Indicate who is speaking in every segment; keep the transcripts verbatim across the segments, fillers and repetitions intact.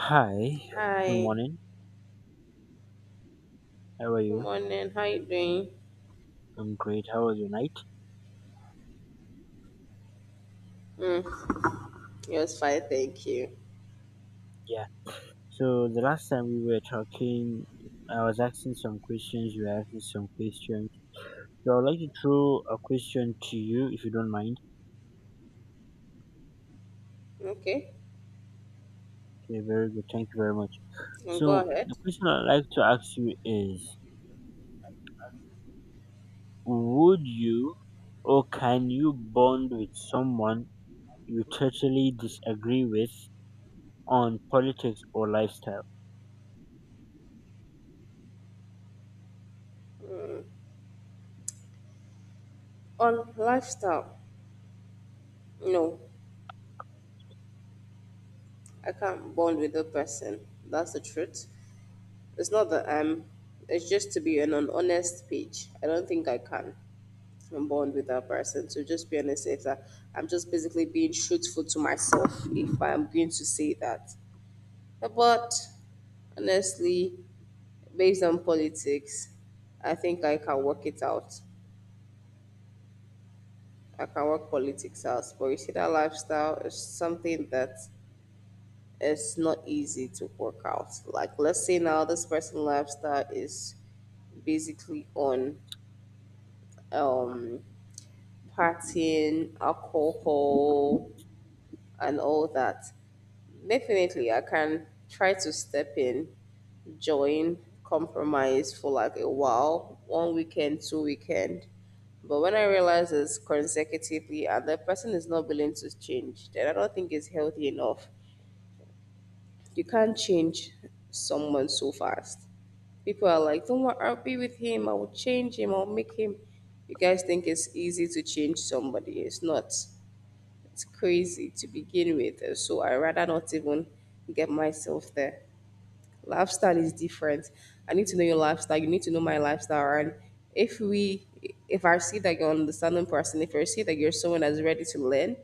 Speaker 1: Hi, good
Speaker 2: Hi,
Speaker 1: morning. How are
Speaker 2: good
Speaker 1: you?
Speaker 2: morning. How you doing?
Speaker 1: I'm great. How was your night?
Speaker 2: Mm, yes, fine, thank you.
Speaker 1: Yeah. So the last time we were talking, I was asking some questions. You were asking some questions. So I'd like to throw a question to you, if you don't mind.
Speaker 2: Okay,
Speaker 1: Okay, very good. Thank you very much.
Speaker 2: and go
Speaker 1: So the
Speaker 2: ahead.
Speaker 1: question I'd like to ask you is: Would you, or can you, bond with someone you totally disagree with on politics or lifestyle?
Speaker 2: Mm, on lifestyle, no, I can't bond with a person. That's the truth. It's not that I'm. It's just to be on an honest page. I don't think I can and bond with that person. So just be honest, if that I'm just basically being truthful to myself, if I'm going to say that. But honestly, based on politics, I think I can work it out. I can work politics out. But you see, that lifestyle is something that is not easy to work out. Like, let's say now this person's lifestyle is basically on um, partying, alcohol, and all that. Definitely, I can try to step in, join, compromise for like a while, one weekend, two weekend. But when I realize it's consecutively and the person is not willing to change, then I don't think it's healthy enough. You can't change someone so fast. People are like, don't worry, I'll be with him, I will change him, I'll make him. You guys think it's easy to change somebody. It's not. It's crazy to begin with. So I rather not even get myself there. Lifestyle is different. I need to know your lifestyle. You need to know my lifestyle. And if we, if I see that you're an understanding person, if I see that you're someone that's ready to learn,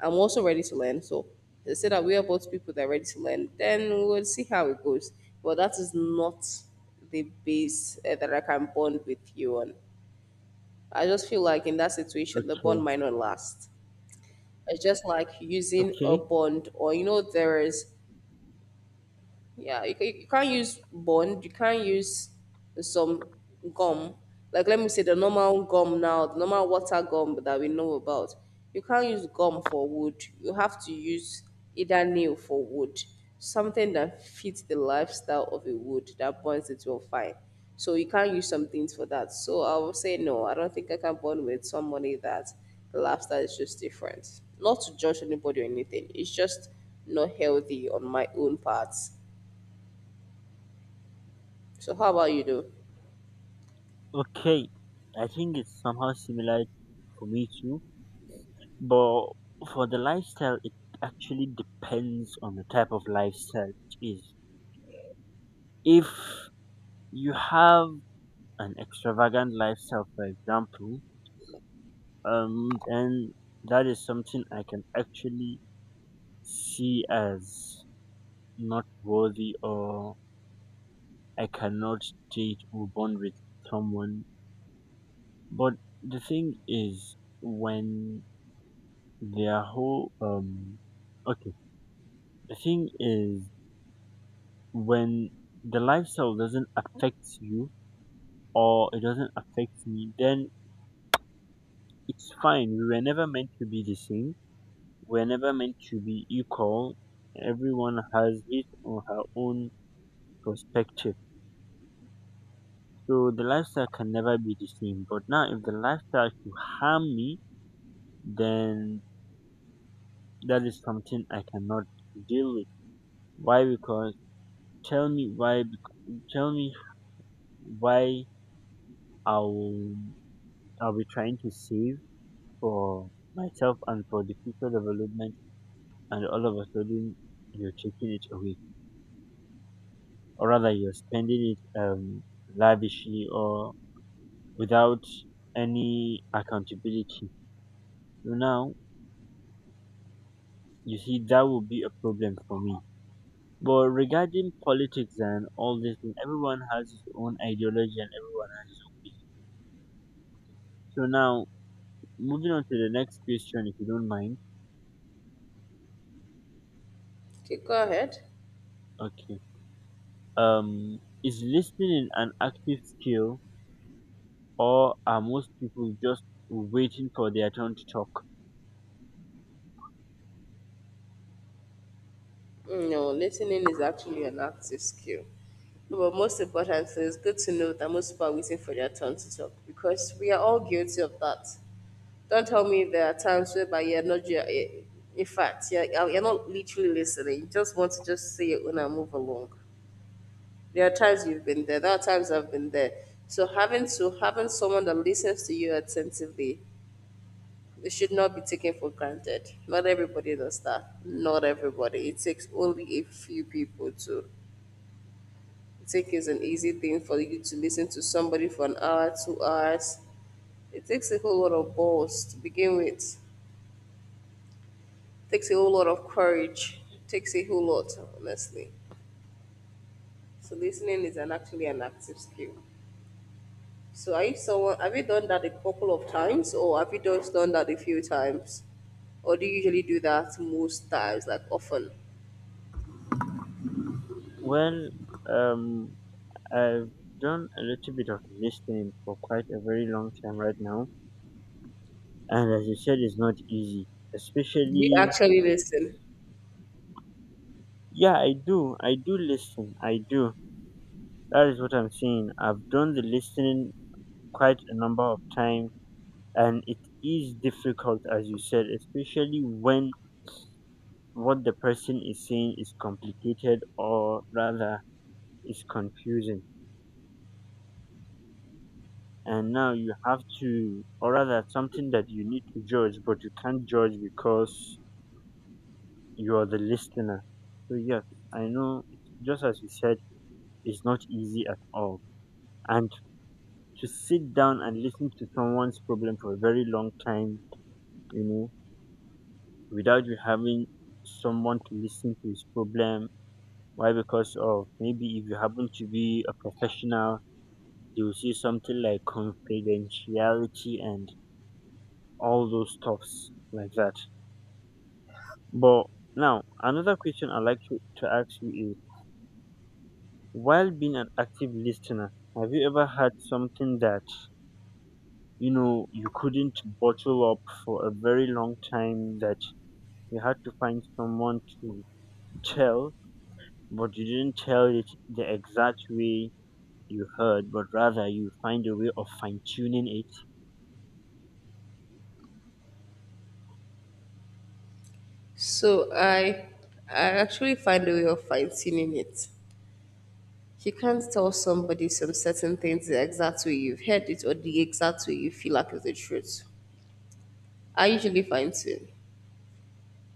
Speaker 2: I'm also ready to learn. So they say that we are both people that are ready to learn. Then we'll see how it goes. But that is not the base uh, that I can bond with you on. I just feel like in that situation, the bond
Speaker 1: Okay.
Speaker 2: might not last. It's just like using a
Speaker 1: Okay.
Speaker 2: bond, or you know, there is. Yeah, you, ca- you can't use bond. You can't use some gum. Like let me say the normal gum now, the normal water gum that we know about. You can't use gum for wood. You have to use either nail for wood, something that fits the lifestyle of a wood that bonds it well fine. So you can't use some things for that. So I will say no. I don't think I can bond with somebody that the lifestyle is just different. Not to judge anybody or anything. It's just not healthy on my own part, so how about you do?
Speaker 1: Okay, I think it's somehow similar for me too, but for the lifestyle, it actually depends on the type of lifestyle it is. If you have an extravagant lifestyle, for example, um, then that is something I can actually see as not worthy, or I cannot date or bond with someone. But the thing is, when their whole um, okay the thing is, when the lifestyle doesn't affect you or it doesn't affect me, then it's fine. We were never meant to be the same. We're never meant to be equal. Everyone has his or her own perspective. So the lifestyle can never be the same. But now, if the lifestyle should harm me, then that is something I cannot deal with. Why? Because tell me why. Tell me why I will I'll be trying to save for myself and for the future development, and all of a sudden you're taking it away, or rather you're spending it um lavishly or without any accountability. So now, you see, that will be a problem for me. But regarding politics and all this thing, everyone has his own ideology and everyone. So now, moving on to the next question, if you don't mind.
Speaker 2: Okay, go ahead.
Speaker 1: Okay, um is listening an active skill, or are most people just waiting for their turn to talk?
Speaker 2: Mm, No, listening is actually an active skill. No, but most importantly, it's good to know that most people are waiting for their turn to talk because we are all guilty of that. Don't tell me there are times whereby you're not, you're, eh, in fact, you're, you're not literally listening. You just want to just say it when I move along. There are times you've been there. There are times I've been there. So having to having someone that listens to you attentively, it should not be taken for granted. Not everybody does that. Not everybody. It takes only a few people to take. Is an easy thing for you to listen to somebody for an hour, two hours. It takes a whole lot of balls to begin with. It takes a whole lot of courage. It takes a whole lot, honestly. So listening is an actually an active skill. So are you someone, have you done that a couple of times, or have you just done that a few times? Or do you usually do that most times, like often?
Speaker 1: Well, um, I've done a little bit of listening for quite a very long time right now, and as you said, it's not easy,
Speaker 2: You
Speaker 1: especially.
Speaker 2: actually listen.
Speaker 1: Yeah, I do. I do listen. I do. That is what I'm saying. I've done the listening quite a number of times, and it is difficult, as you said, especially when what the person is saying is complicated, or rather is confusing, and now you have to, or rather, it's something that you need to judge, but you can't judge because you are the listener. So yes, i know it's- just as you said, it's not easy at all, and to sit down and listen to someone's problem for a very long time, you know, without you having someone to listen to his problem. Why? Because of, maybe if you happen to be a professional, they will see something like confidentiality and all those stuffs like that. But now, another question I'd like to, to ask you is, while being an active listener, have you ever had something that, you know, you couldn't bottle up for a very long time that you had to find someone to tell, but you didn't tell it the exact way you heard, but rather you find a way of fine tuning it?
Speaker 2: So I I actually find a way of fine tuning it. You can't tell somebody some certain things the exact way you've heard it or the exact way you feel like is the truth. I usually fine tune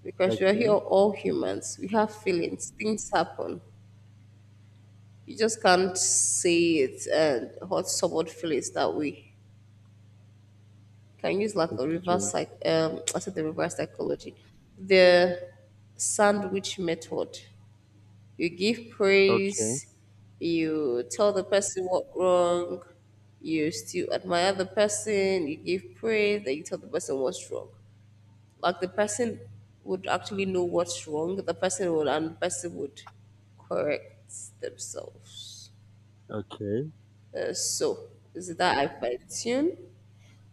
Speaker 2: because we are here
Speaker 1: Okay,
Speaker 2: all humans. We have feelings. Things happen. You just can't say it and hurt someone feelings that way. Can use like a
Speaker 1: it's
Speaker 2: reverse
Speaker 1: true.
Speaker 2: psych um I said the reverse psychology. The sandwich method. You give
Speaker 1: Okay,
Speaker 2: praise, you tell the person what wrong, you still admire the person, you give praise, then you tell the person what's wrong. Like the person would actually know what's wrong, the person would and the person would correct themselves.
Speaker 1: okay,
Speaker 2: Uh, so is it that I fine tune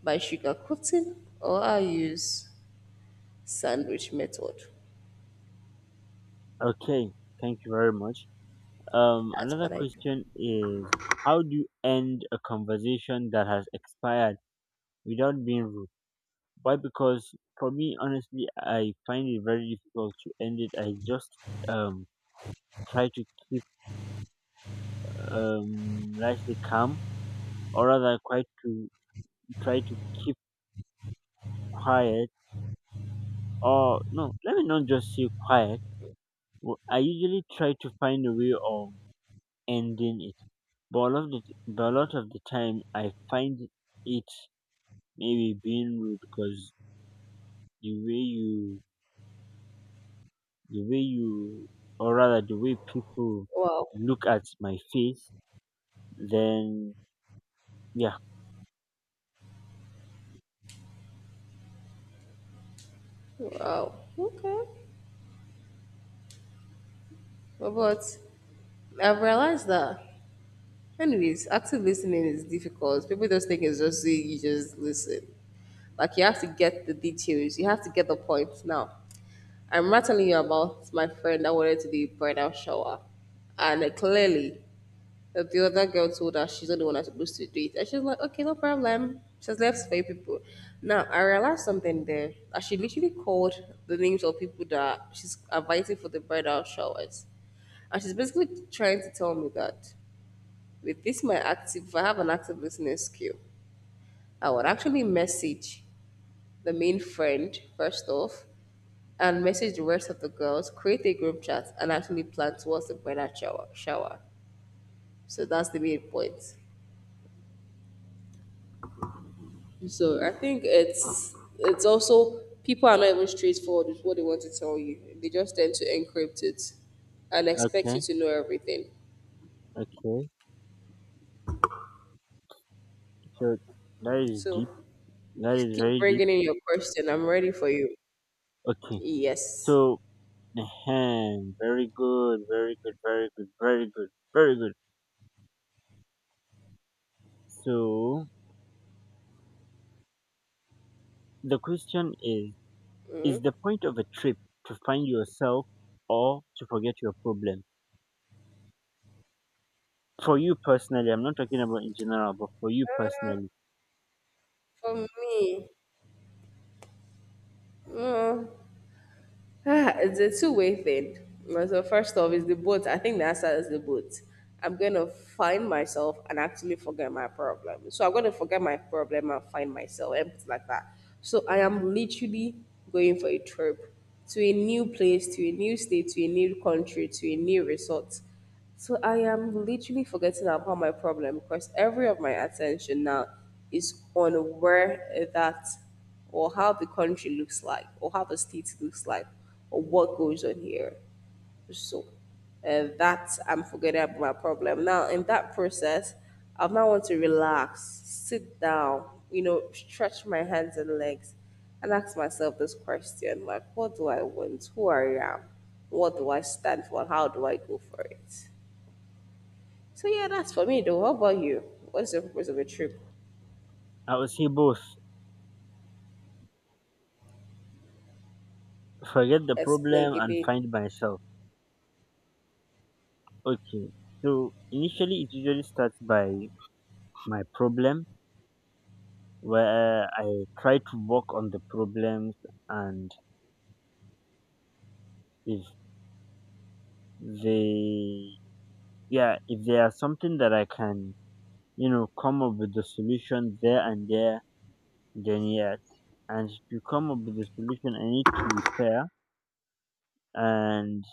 Speaker 2: by sugarcoating or I use sandwich method.
Speaker 1: okay. Thank you very much. Um,
Speaker 2: That's
Speaker 1: another
Speaker 2: what I do.
Speaker 1: question is, how do you end a conversation that has expired without being rude? Why? Because for me, honestly, I find it very difficult to end it. I just um try to keep, um let's say, calm, or rather, quite to try to keep quiet. Or no, let me not just say quiet. W- I usually try to find a way of ending it, but a lot of the, but a lot of the time, I find it maybe being rude because the way you the way you or rather the way people
Speaker 2: Wow.
Speaker 1: look at my face, then yeah.
Speaker 2: Wow. Okay. But I've realized that, anyways, active listening is difficult. People just think it's just you you just listen. Like you have to get the details. You have to get the points. Now, I remember telling you about my friend that wanted to do a bridal shower, and uh, clearly uh, the other girl told her she's not the one that's supposed to do it, and she's like, "Okay, no problem." She's left for people. Now I realized something there. That she literally called the names of people that she's inviting for the bridal showers, and she's basically trying to tell me that. With this, my active, if I have an active listening skill, I would actually message the main friend first off, and message the rest of the girls, create a group chat, and actually plan towards the bridal shower. Shower. So that's the main point. So I think it's it's also people are not even straightforward with what they want to tell you. They just tend to encrypt it and expect you
Speaker 1: Okay.
Speaker 2: to know everything.
Speaker 1: Okay, so that is
Speaker 2: So
Speaker 1: deep. That is
Speaker 2: keep
Speaker 1: very deep.
Speaker 2: bringing in your question. I'm ready for you.
Speaker 1: Okay,
Speaker 2: Yes.
Speaker 1: so ahem, very good, very good very good very good very good so the question is is the point of a trip to find yourself or to forget your problem? For you personally, I'm not talking about in general, but for you personally.
Speaker 2: For me, mm, ah, it's a two-way thing. Well, so first off, is the boat. I think the answer is the boat. I'm gonna find myself and actually forget my problem. So I'm gonna forget my problem and find myself, and it's like that. So I am literally going for a trip to a new place, to a new state, to a new country, to a new resort. So I am literally forgetting about my problem because every of my attention now is on where that or how the country looks like or how the state looks like or what goes on here. So uh, that's, I'm forgetting about my problem. Now in that process, I now want to relax, sit down, you know, stretch my hands and legs and ask myself this question, like what do I want? Who I am? What do I stand for? How do I go for it? So yeah, that's for me though. How about you? What's the purpose of a trip?
Speaker 1: I will say both. Forget the
Speaker 2: Explain,
Speaker 1: problem
Speaker 2: give
Speaker 1: and
Speaker 2: me.
Speaker 1: find myself. Okay. So initially it usually starts by my problem, where I try to work on the problems, and if they yeah, if there are something that I can, you know, come up with the solution there and there, then yes. And to come up with the solution I need to be fair, and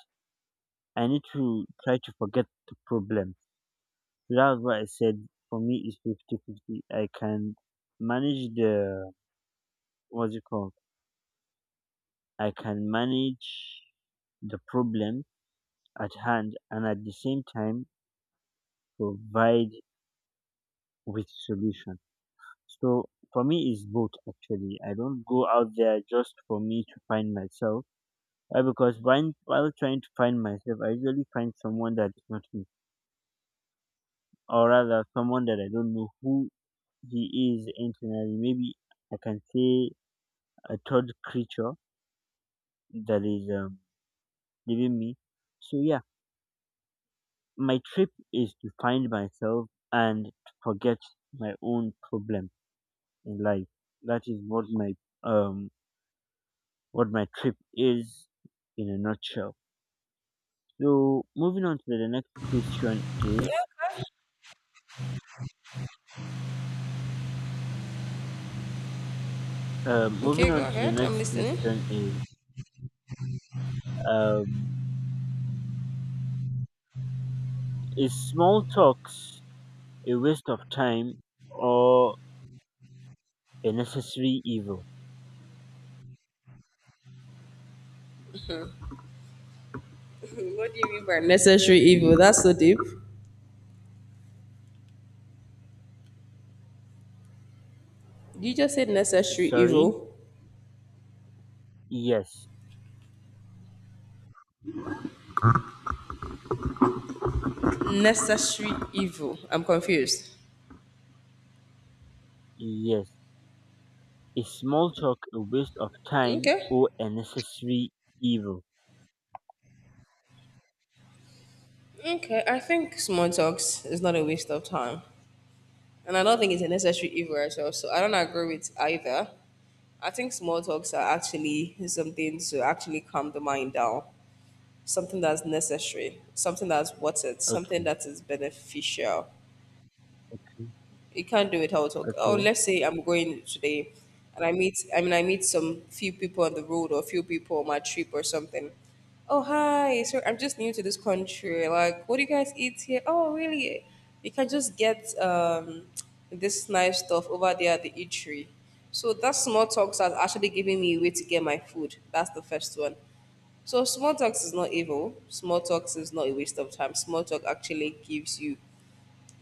Speaker 1: I need to try to forget the problem. So that's what I said, for me it's fifty-fifty. I can manage the, what's it called? I can manage the problem at hand, and at the same time provide with solution. So for me it's both actually. I don't go out there just for me to find myself. Why? Because when, while trying to find myself, I usually find someone that is not me. Or rather, someone that I don't know who he is internally. Maybe I can say a third creature that is um, leaving me. So yeah, my trip is to find myself and to forget my own problem in life. That is what my um what my trip is, in a nutshell. So moving on to the next question is, um moving
Speaker 2: Okay, go
Speaker 1: on to the
Speaker 2: ahead. I'm
Speaker 1: next
Speaker 2: listening.
Speaker 1: question is um is small talks a waste of time or a necessary evil?
Speaker 2: Okay, what do you mean by necessary evil? That's so deep. You just said necessary
Speaker 1: Sorry?
Speaker 2: evil.
Speaker 1: Yes.
Speaker 2: Necessary evil. I'm confused.
Speaker 1: Yes. Is small talk a waste of time
Speaker 2: Okay.
Speaker 1: or a necessary evil?
Speaker 2: Okay. I think small talks is not a waste of time. And I don't think it's a necessary evil as well. So I don't agree with either. I think small talks are actually something to actually calm the mind down. Something that's necessary. Something that's worth it. Something
Speaker 1: Okay,
Speaker 2: that is beneficial.
Speaker 1: okay,
Speaker 2: You can't do it how talk. Oh,
Speaker 1: okay.
Speaker 2: let's say I'm going today and I meet I mean I meet some few people on the road or few people on my trip or something. Oh hi, so I'm just new to this country. Like what do you guys eat here? Oh really? You can just get um this nice stuff over there at the eatery. So that small talks are actually giving me a way to get my food. That's the first one. So small talks is not evil. Small talks is not a waste of time. Small talk actually gives you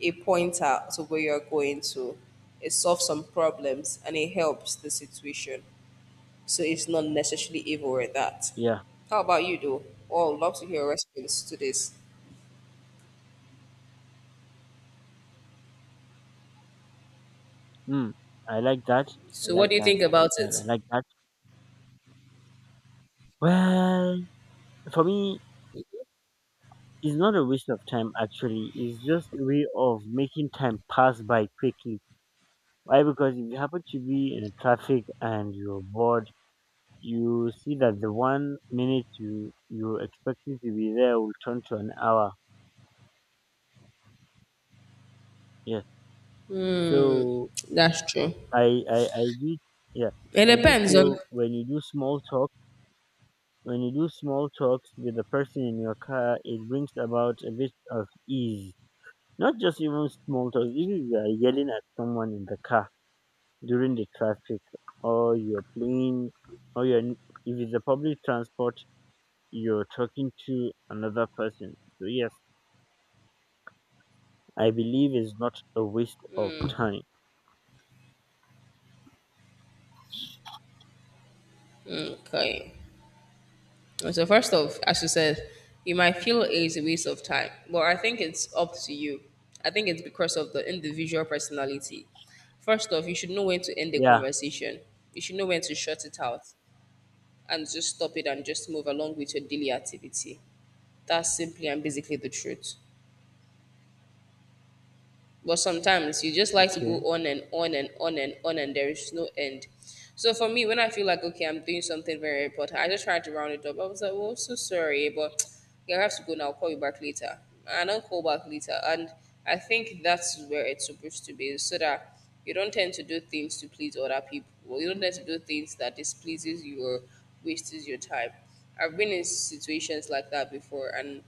Speaker 2: a pointer to where you're going to. It solves some problems and it helps the situation. So it's not necessarily evil or that.
Speaker 1: Yeah.
Speaker 2: How about you, though? Oh, I'd love to hear your response to this.
Speaker 1: Hmm. I like that. I
Speaker 2: So, what
Speaker 1: like
Speaker 2: do you
Speaker 1: that.
Speaker 2: think
Speaker 1: I
Speaker 2: about
Speaker 1: like that.
Speaker 2: it?
Speaker 1: I like that. Well, for me, it's not a waste of time actually. It's just a way of making time pass by quickly. Why? Because if you happen to be in a traffic and you're bored, you see that the one minute you you expected to be there will turn to an hour. Yeah. So
Speaker 2: That's true.
Speaker 1: I, I I do, yeah,
Speaker 2: It
Speaker 1: I do
Speaker 2: depends on.
Speaker 1: feel when you do small talk when you do small talks with the person in your car, it brings about a bit of ease. Not just even small talk, even if you are yelling at someone in the car during the traffic, or you're playing, or you're n- if it's a public transport, you're talking to another person. So yes, I believe it's not a waste of time.
Speaker 2: Okay. So, first off, as you said, you might feel it's a waste of time, but I think it's up to you. I think it's because of the individual personality. First off, you should know when to end the
Speaker 1: Yeah,
Speaker 2: conversation, you should know when to shut it out, and just stop it and just move along with your daily activity. That's simply and basically the truth. But sometimes you just like to
Speaker 1: okay.
Speaker 2: go on and on and on and on, and there is no end. So for me, when I feel like okay, I'm doing something very important, I just try to round it up. I was like, well, so sorry, but yeah, I have to go now. I'll call you back later. I don't call back later, and I think that's where it's supposed to be, so that you don't tend to do things to please other people. Or you don't tend to do things that displeases you or wastes your time. I've been in situations like that before, and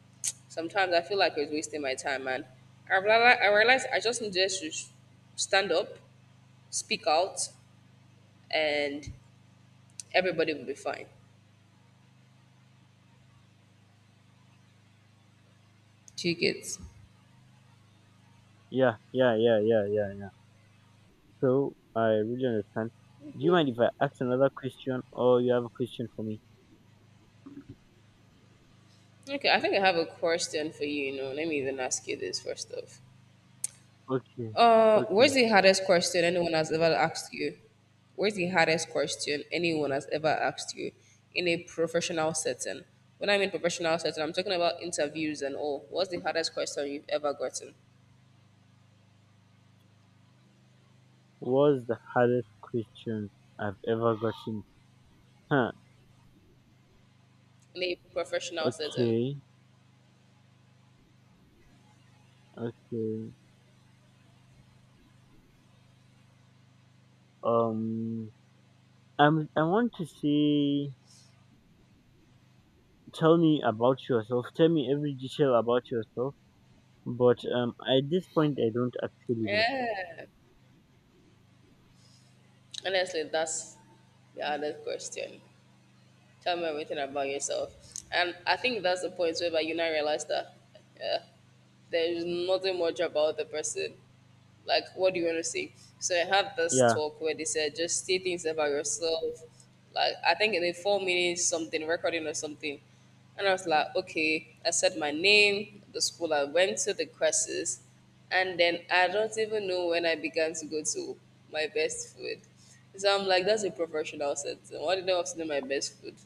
Speaker 2: sometimes I feel like it's wasting my time, and I realize, I realize I just need just to s- stand up, speak out, and everybody will be fine. Do you get?
Speaker 1: yeah yeah yeah yeah Yeah. So I really understand. Do you mind if I ask another question, or you have a question for me?
Speaker 2: Okay, I think I have a question for you. You know, let me even ask you this first off.
Speaker 1: Okay,
Speaker 2: Uh,
Speaker 1: okay.
Speaker 2: where's the hardest question anyone has ever asked you? Where's the hardest question anyone has ever asked you in a professional setting? When I mean professional setting, I'm talking about interviews and all. What's the hardest question you've ever gotten
Speaker 1: What's the hardest question I've ever gotten? Huh,
Speaker 2: in a professional setting?
Speaker 1: okay, okay. Um, I'm, I want to say, tell me about yourself. Tell me every detail about yourself. But um, at this point, I don't actually know.
Speaker 2: Yeah, honestly, that's the other question. Tell me everything about yourself. And I think that's the point where you now realize that yeah, there is nothing much about the person. Like, what do you want to say? So I had this
Speaker 1: Yeah,
Speaker 2: talk where they said just say things about yourself, like I think in a four minutes something recording or something. And I was like okay, I said my name, the school I went to, the courses, and then I don't even know when I began to go to my best food. So I'm like, that's a professional setting, why did they want to know my best food?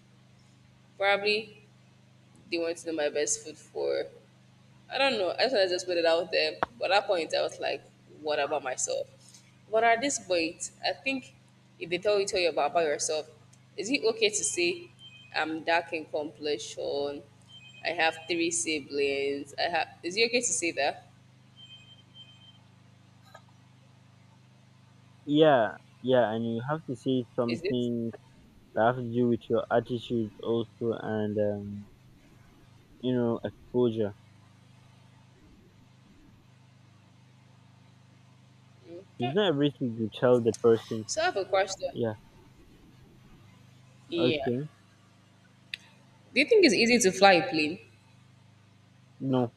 Speaker 2: Probably they want to know my best food for, I don't know. I just wanna just put it out there. But at that point, I was like, what about myself? But at this point, I think if they tell you tell you about, about yourself, is it okay to say I'm dark in complexion? I have three siblings. I have. Is it okay to say that?
Speaker 1: yeah, yeah. And you have to say
Speaker 2: Is it
Speaker 1: something that has to do with your attitude also, and um, you know, exposure.
Speaker 2: okay?
Speaker 1: It's not everything you tell the person.
Speaker 2: So I have a question.
Speaker 1: Yeah,
Speaker 2: Yeah.
Speaker 1: okay.
Speaker 2: Do you think it's easy to fly a plane?
Speaker 1: No,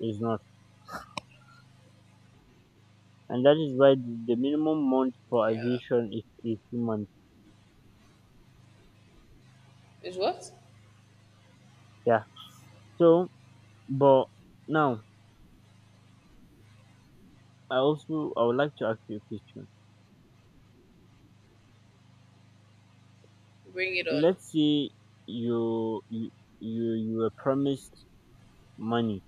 Speaker 1: it's not. And that is why the the minimum month for
Speaker 2: Yeah.
Speaker 1: aviation is eighteen months.
Speaker 2: Is what?
Speaker 1: Yeah. So, but now, I also, I would like to ask you a question.
Speaker 2: Bring it on.
Speaker 1: Let's say you, you, you, you were promised money.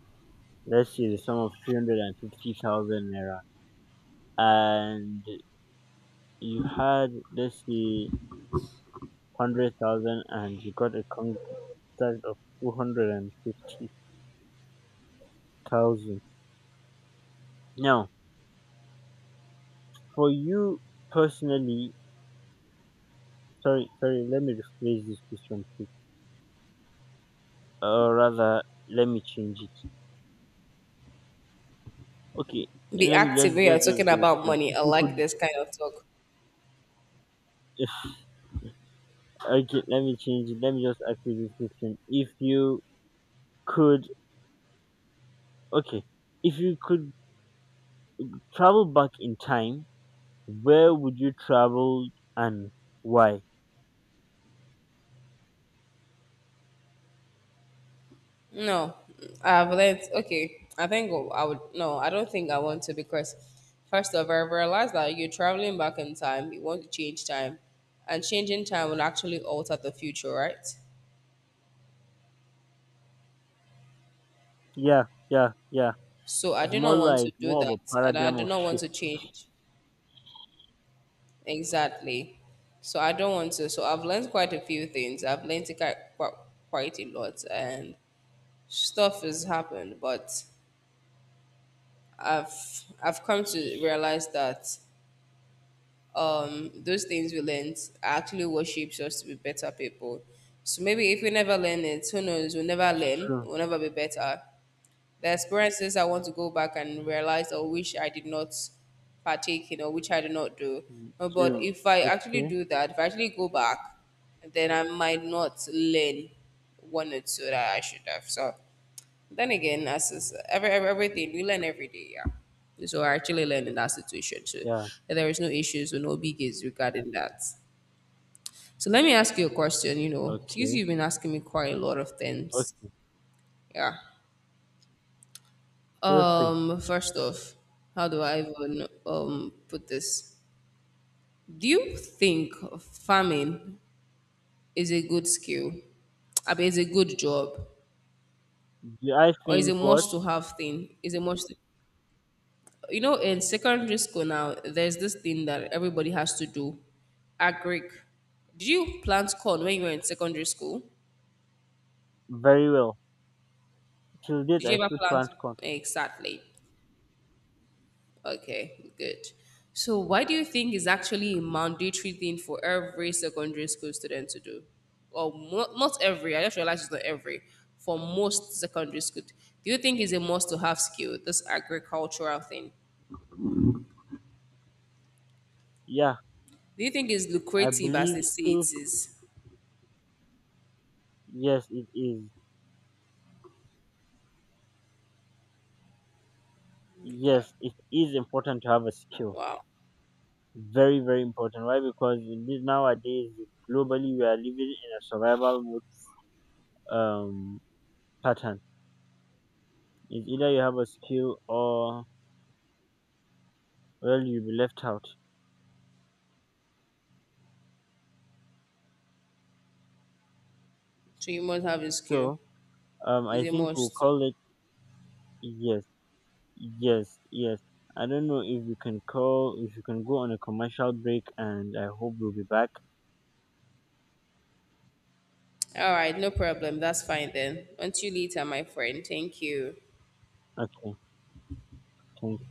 Speaker 1: Let's say the sum of three hundred fifty thousand naira. And you had, let's say, hundred thousand, and you got a contract of two hundred and fifty thousand. Now, for you personally, sorry, sorry, let me rephrase this question, please. Or rather, let me change it. Okay,
Speaker 2: Be
Speaker 1: let me
Speaker 2: active
Speaker 1: let's
Speaker 2: when you're
Speaker 1: let's
Speaker 2: talking
Speaker 1: just go with this
Speaker 2: about
Speaker 1: one.
Speaker 2: money.
Speaker 1: If
Speaker 2: I
Speaker 1: you
Speaker 2: like
Speaker 1: could,
Speaker 2: this kind of talk.
Speaker 1: if okay, let me change it. Let me just ask you this question. If you could, okay, if you could travel back in time, where would you travel and why?
Speaker 2: No, I've learned. Okay, I think I would. No, I don't think I want to because, first of all, I realized that you're traveling back in time. You want to change time, and changing time will actually alter the future, right?
Speaker 1: Yeah, yeah, yeah.
Speaker 2: So I
Speaker 1: It's
Speaker 2: do
Speaker 1: more
Speaker 2: not want
Speaker 1: like
Speaker 2: to do
Speaker 1: more of a
Speaker 2: that, and I
Speaker 1: paradigm
Speaker 2: do
Speaker 1: of
Speaker 2: not want
Speaker 1: shift.
Speaker 2: to change, exactly. So I don't want to. So I've learned quite a few things. I've learned quite quite a lot, and stuff has happened. But I've I've come to realize that um, those things we learned actually what shapes us to be better people. So maybe if we never learn it, who knows? We'll never learn.
Speaker 1: True.
Speaker 2: We'll never be better. The experiences I want to go back and realize or wish I did not partake in or which I did not do.
Speaker 1: Mm.
Speaker 2: Uh, But if I actually
Speaker 1: Okay.
Speaker 2: do that, if I actually go back, then I might not learn one or two that I should have. So then again, as is every, every- everything, we learn every day, yeah. So I actually learned in that situation too.
Speaker 1: Yeah.
Speaker 2: That there is no issues or no biggies regarding that. So let me ask you a question, you know, since
Speaker 1: Okay.
Speaker 2: you've been asking me quite a lot of things.
Speaker 1: Okay.
Speaker 2: Yeah.
Speaker 1: Feel free.
Speaker 2: Um, first off, how do I even um put this? Do you think farming is a good skill? I mean, it's a good job,
Speaker 1: Do I
Speaker 2: or is a
Speaker 1: think what?
Speaker 2: must to have thing? Is a must, you know, in secondary school now, there's this thing that everybody has to do. Agric. Did you plant corn when you were in secondary school?
Speaker 1: Very well. Till date,
Speaker 2: Did
Speaker 1: I
Speaker 2: you ever
Speaker 1: still
Speaker 2: plant?
Speaker 1: plant corn.
Speaker 2: Exactly. Okay, good. So, why do you think is actually a mandatory thing for every secondary school student to do? Or mo- not every, I just realized it's not every, for most secondary school. Do you think is a must to have skill, this agricultural thing?
Speaker 1: Yeah.
Speaker 2: Do you think is
Speaker 1: I
Speaker 2: lucrative as they
Speaker 1: believe
Speaker 2: say it
Speaker 1: still.
Speaker 2: is?
Speaker 1: Yes, it is.
Speaker 2: Okay.
Speaker 1: Yes, it is important to have a skill.
Speaker 2: Wow.
Speaker 1: Very, very important. Why? Because in this nowadays, globally, we are living in a survival mode um pattern. It's either you have a skill, or well, you'll be left out.
Speaker 2: So you must have a skill.
Speaker 1: So Um,
Speaker 2: It's
Speaker 1: I
Speaker 2: a
Speaker 1: think we'll
Speaker 2: must.
Speaker 1: call it, yes, yes, yes. I don't know if we can call, if you can go on a commercial break, and I hope we'll be back.
Speaker 2: All right, no problem. That's fine then. Until later, my friend. Thank you.
Speaker 1: Okay, thank